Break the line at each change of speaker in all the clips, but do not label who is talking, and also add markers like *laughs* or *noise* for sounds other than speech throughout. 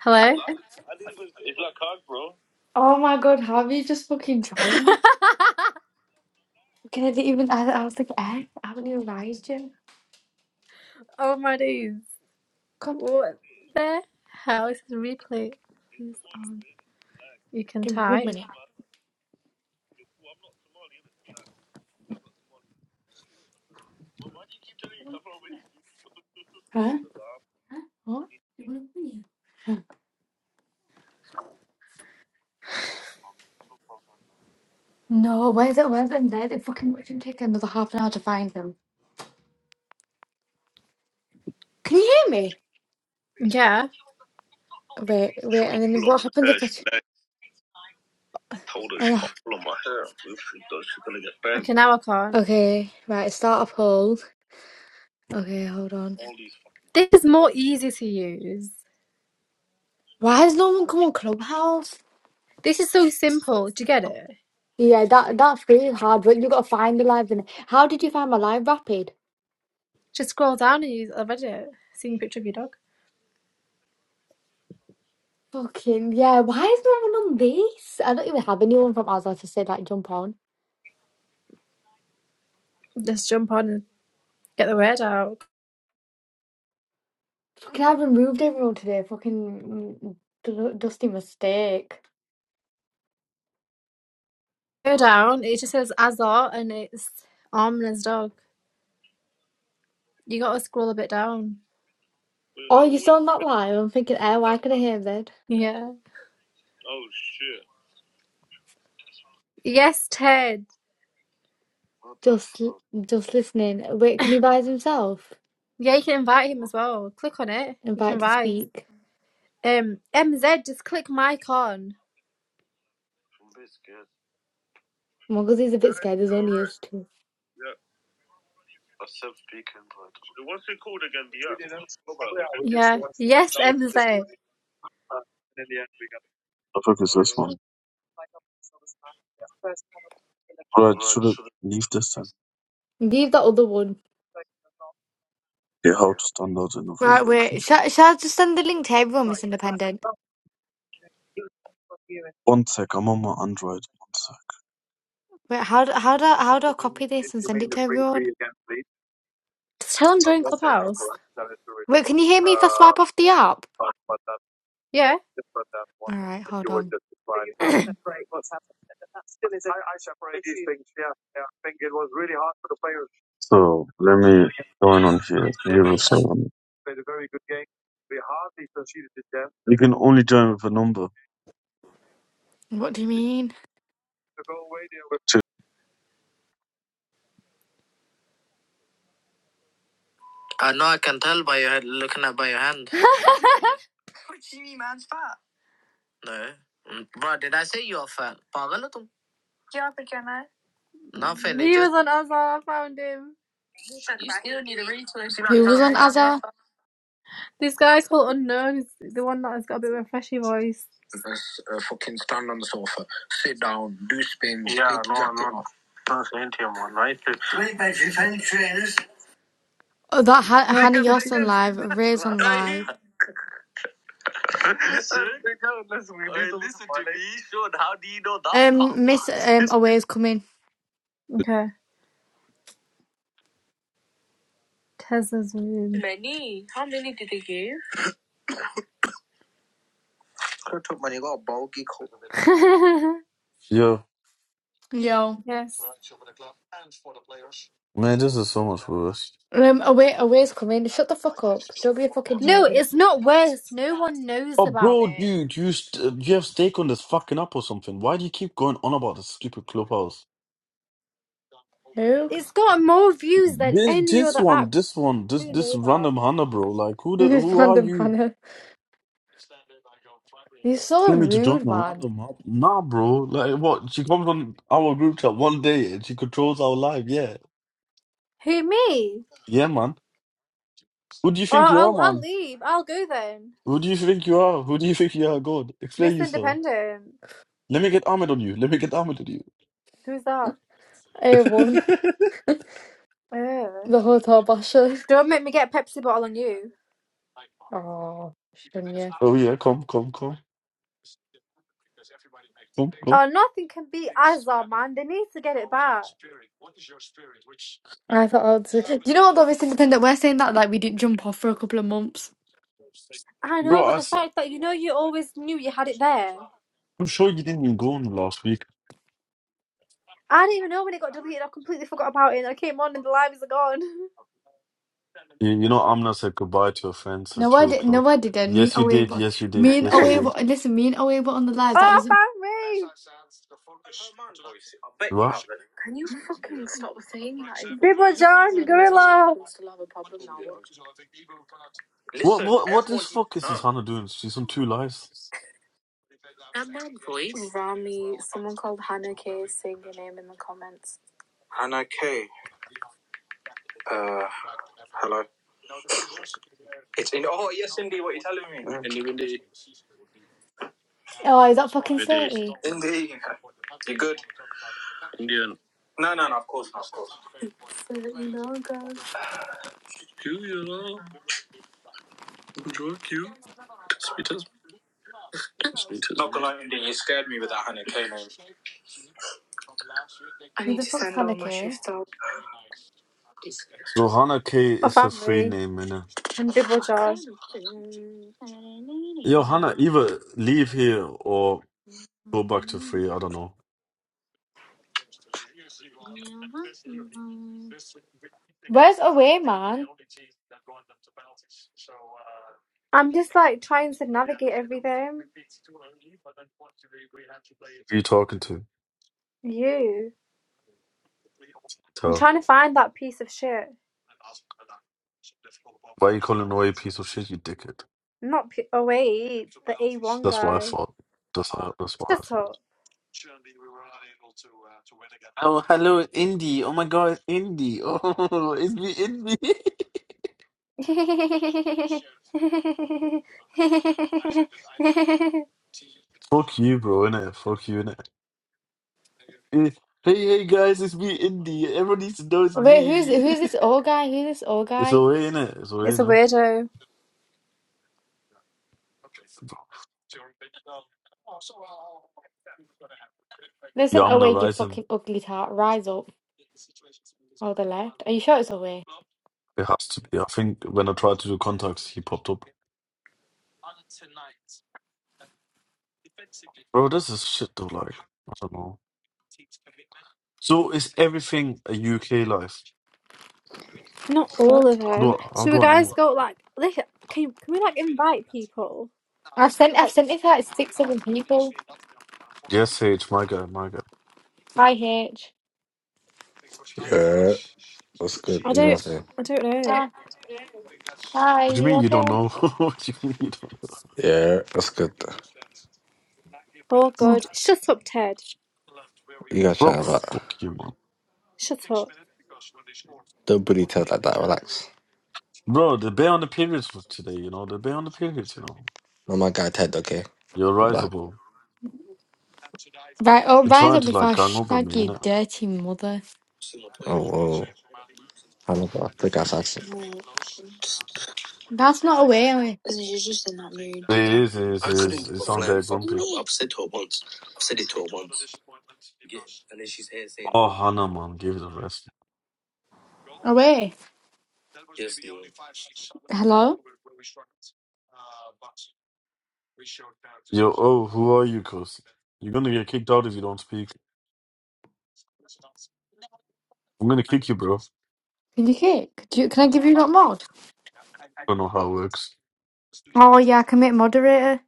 Hello?
Oh my god, have you just fucking
Hello?
joined? Can I even? I, I was like, eh, haven't you arrived yet?
*laughs* oh my days.
Come,
What the hell is this replay? is on? You can
give me one
type.
minute. Huh? What? No, where's it? Where's it? There, they fucking it should take another half an hour to find them. Can you hear me?
Yeah.
Wait, wait, and then what happens if I? t- Uh,
Okay, now I can't.
okay, right, start a poll. Okay, hold on.
This is more easy to use.
Why has no one come on Clubhouse?
This is so simple. Do you get it?
Yeah, that that's really hard, but you gotta find the live. in- How did you find my live rapid?
Just scroll down and use it. I've read it. Seeing a picture of your dog.
Fucking yeah, why is no one on this? I don't even have anyone from Azar to say like jump on.
Just jump on and get the word out.
Fucking I removed everyone today. Fucking mm, d- dusty mistake.
Go down, it just says Azar and it's Armland's dog. You gotta scroll a bit down.
Oh, you saw on that live? I'm thinking, eh, why could I hear that?
Yeah. Yes, Ted.
Just, l- just listening. Wait, can he buy himself?
Yeah, you can invite him as well. Click on it. You
Invite
can
to
rise.
speak.
Um, MZ, just click mic on.
Muggles is a bit scared. There's only us two.
Yeah. Yes, MZ.
I think it's this one. Right, should it leave this then?
Leave that other one.
Okay, how to stand out in a room.
Right, wait.
Okay.
Shall, shall I just send the link to everyone, Miss Independent?
One sec, I'm on my Android. One sec.
Wait, how do, how do how do I copy this and send it to everyone?
Just tell him join Clubhouse.
Wait, can you hear me if I swipe off the app?
Yeah.
All right, hold on.
*clears throat* I
So, let me join on here. Zero seven. You can only join with a number.
What do you mean?
Two.
know I can tell by your looking at by your hand. No. Mm, Bro, did I say you are fat? Pagal ho tum? Not fat. He was on Azar. I found him. You still need a reason.
Who was on Azza?
This guy called Unknown is the one that has got a bit of a freshy voice. Just uh, fucking stand on the sofa, sit down, do spin. Wait, my defense trainers.
Oh, that ha-
No, Wake
Hannah
put
Yost
wake
on
up.
live. Ray's on live. Um, Miss um Away's coming.
Cause it's rude. *laughs*
Yo,
Yo.
yes.
man, this is so much worse.
Um, Away Away's coming. Shut the fuck up. Don't be a fucking
No,
hater.
it's not worse. No one knows
Oh,
about
bro,
it.
dude, you st you have stake on this fucking up or something. Why do you keep going on about this stupid clubhouse?
Who? *laughs*
It's got more views than
This,
any
this
other
one,
app.
this one, this,
Who
this
know that?
random Hannah, bro. Like, who the,
This
who are
random
you?
Hannah. He's so
telling me to join
rude,
a
man.
random mob? Nah, bro. Like, what? She comes on our group chat one day and she controls our life. Yeah.
Who me?
Yeah, man. Who do you think
Oh,
you are,
I'll I'll
man?
leave. I'll go then.
Who do you think you are? Who do you think you are, God?
Miss
Explain yourself.
Independent.
Let me get armored on you. Let me get armored on you.
Who's that?
I won
Ugh.
the hotel basher.
Don't make me get a Pepsi bottle on you.
Oh, shouldn't you?
Oh, yeah. Come, come, come. Come, come.
Oh, nothing can beat Azar, man. They need to get it back.
I thought I'd say. Do you know what though? It's independent. We're saying that like we didn't jump off for a couple of months.
I
Bro,
know, but
I,
the fact that you know you always knew you had it there.
am sure you didn't even go on last week.
I didn't even know when it got deleted. I completely forgot about it. I came on and the lives are gone. *laughs*
You, you know, Amna said goodbye to your friends at
No, I
2
didn't. No, I
o'clock.
didn't. Me and
Yes, you
away,
did.
but
Yes, you did.
Me and
Yes, you
away,
did.
but Listen, me and away, but on the live. That
Oh,
doesn't.
found me!
What?
Bibba John Gorilla!
What, what, what this fuck is this Hannah doing? She's on two lives.
Come on, boy. Uh, it's in. Oh, Mm.
Oh, is that fucking thirty?
Indy, you're good. No, no, no. Of course not. Of course. Come on, Indy, you scared me with that Hannah K name.
Who the fuck's Haneke?
So Hana K
Oh,
is a
family.
free name, innit?
And Bibba John.
Yo, Hana, either leave here or go back to free. I don't know.
Where's away, man?
I'm just like trying to navigate everything.
Who you talking to?
You. I'm
Tell.
trying to find that piece of shit.
Why you calling away a piece of shit, you dickhead?
Not. P- oh, wait. The A1
That's what I
guy.
thought. That's how, that's what I
Shut
thought.
up.
Oh, hello, Indy. Oh my God, Indy. Oh, *laughs* it's me, Indy.
*laughs*
*laughs* Fuck you, bro, innit? Fuck you, innit? Eh, Hey, hey guys, it's me, Indy. Everyone needs to know it's
Wait, who's
me.
who's this old guy? Who's this old
*laughs* it's
guy?
alright, innit? It's
It's
alright,
a
no?
weirdo.
Yeah,
Listen,
I'm gonna
away, you
rise him.
fucking ugly tart. Rise up. All the left. Are you sure it's away?
It has to be. I think when I tried to do contacts, he popped up. Bro, this is shit though, like, I don't know. So is everything a UK life?
Not
Oh,
all of
How
them.
do I, how
So we
do I
guys
know?
go like, can can we like invite people?
I've sent I've
Like,
sent it to like six, seven people.
Yes, Sage, my guy, my guy.
Hi, H.
Yeah, that's good.
I
You know
don't,
what I'm saying?
I don't know.
Hi. Hi.
What do you
You
mean you don't
okay?
know? *laughs* what do you mean you don't know?
Yeah, that's good.
Oh God, shut up, Ted.
You gotta try
Bro,
about.
fuck you, man.
Shut up.
Don't bully Ted like that. Relax.
Bro, the bet on the periods for today, you know, the bet on the periods, you know.
Not my guy Ted. Okay,
You're
relax.
risable.
Right. Oh,
They're
rise
trying
up
to
before
like
I
gang up on
shag
me, you
your
know.
dirty mother.
Oh whoa. I'm not gonna pick ass
That's not away.
It is, it is, it is. It's on bad grumpy. Oh, Hannah, man, give it a rest.
Away. Owe. Hello.
Yo, oh, who are you, cuz? You're gonna get kicked out if you don't speak. I'm gonna kick you, bro. I
Can you hear? Could you, can I give you not mod?
don't know how it works.
Oh yeah, I can make moderator.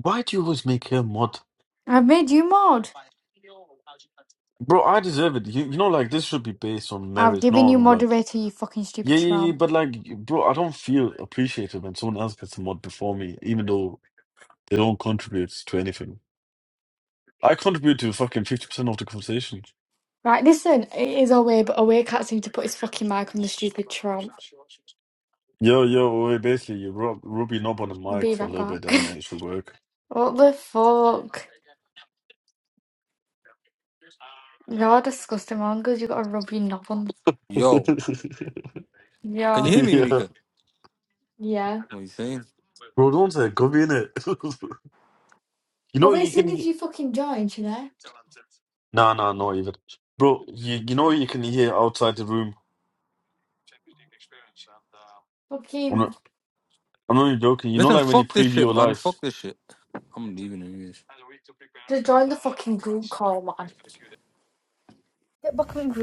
Why do you always make her mod?
I've made you mod.
Bro, I deserve it. You, you know, like, this should be based on
I've
merit,
given
not
you
on, like,
moderator, you fucking stupid
Yeah, yeah, yeah,
tramp.
but like, bro, I don't feel appreciated when someone else gets a mod before me, even though they don't contribute to anything. I contribute to fucking 50% of the conversation.
Right, listen, it is away, but away can't seem to put his fucking mic on the stupid tramp.
Yo, yo, wait, basically, you rub Ruby knob on the mic
Be
for a
right
little bit and then
back.
it should work.
*laughs* what the fuck? You're disgusting, man, because you got a rubbery knob on. the...
Yo,
*laughs*
can you
Yeah,
hear me,
Yeah.
Monika?
yeah.
What are you saying?
Bro, don't say Gubby in it. *laughs* You
Oh
know,
wait,
you
as soon
can
as
hear.
you fucking join, you know?
Nah, nah, no, even. Bro, you, you know, you can hear outside the room. I'm
Fucking,
not, I'm not even joking. You know,
Listen,
like when you
fuck this
preview
shit,
your
man.
life.
Fuck this shit. I'm leaving anyways.
just join the fucking group call, man. Get back on the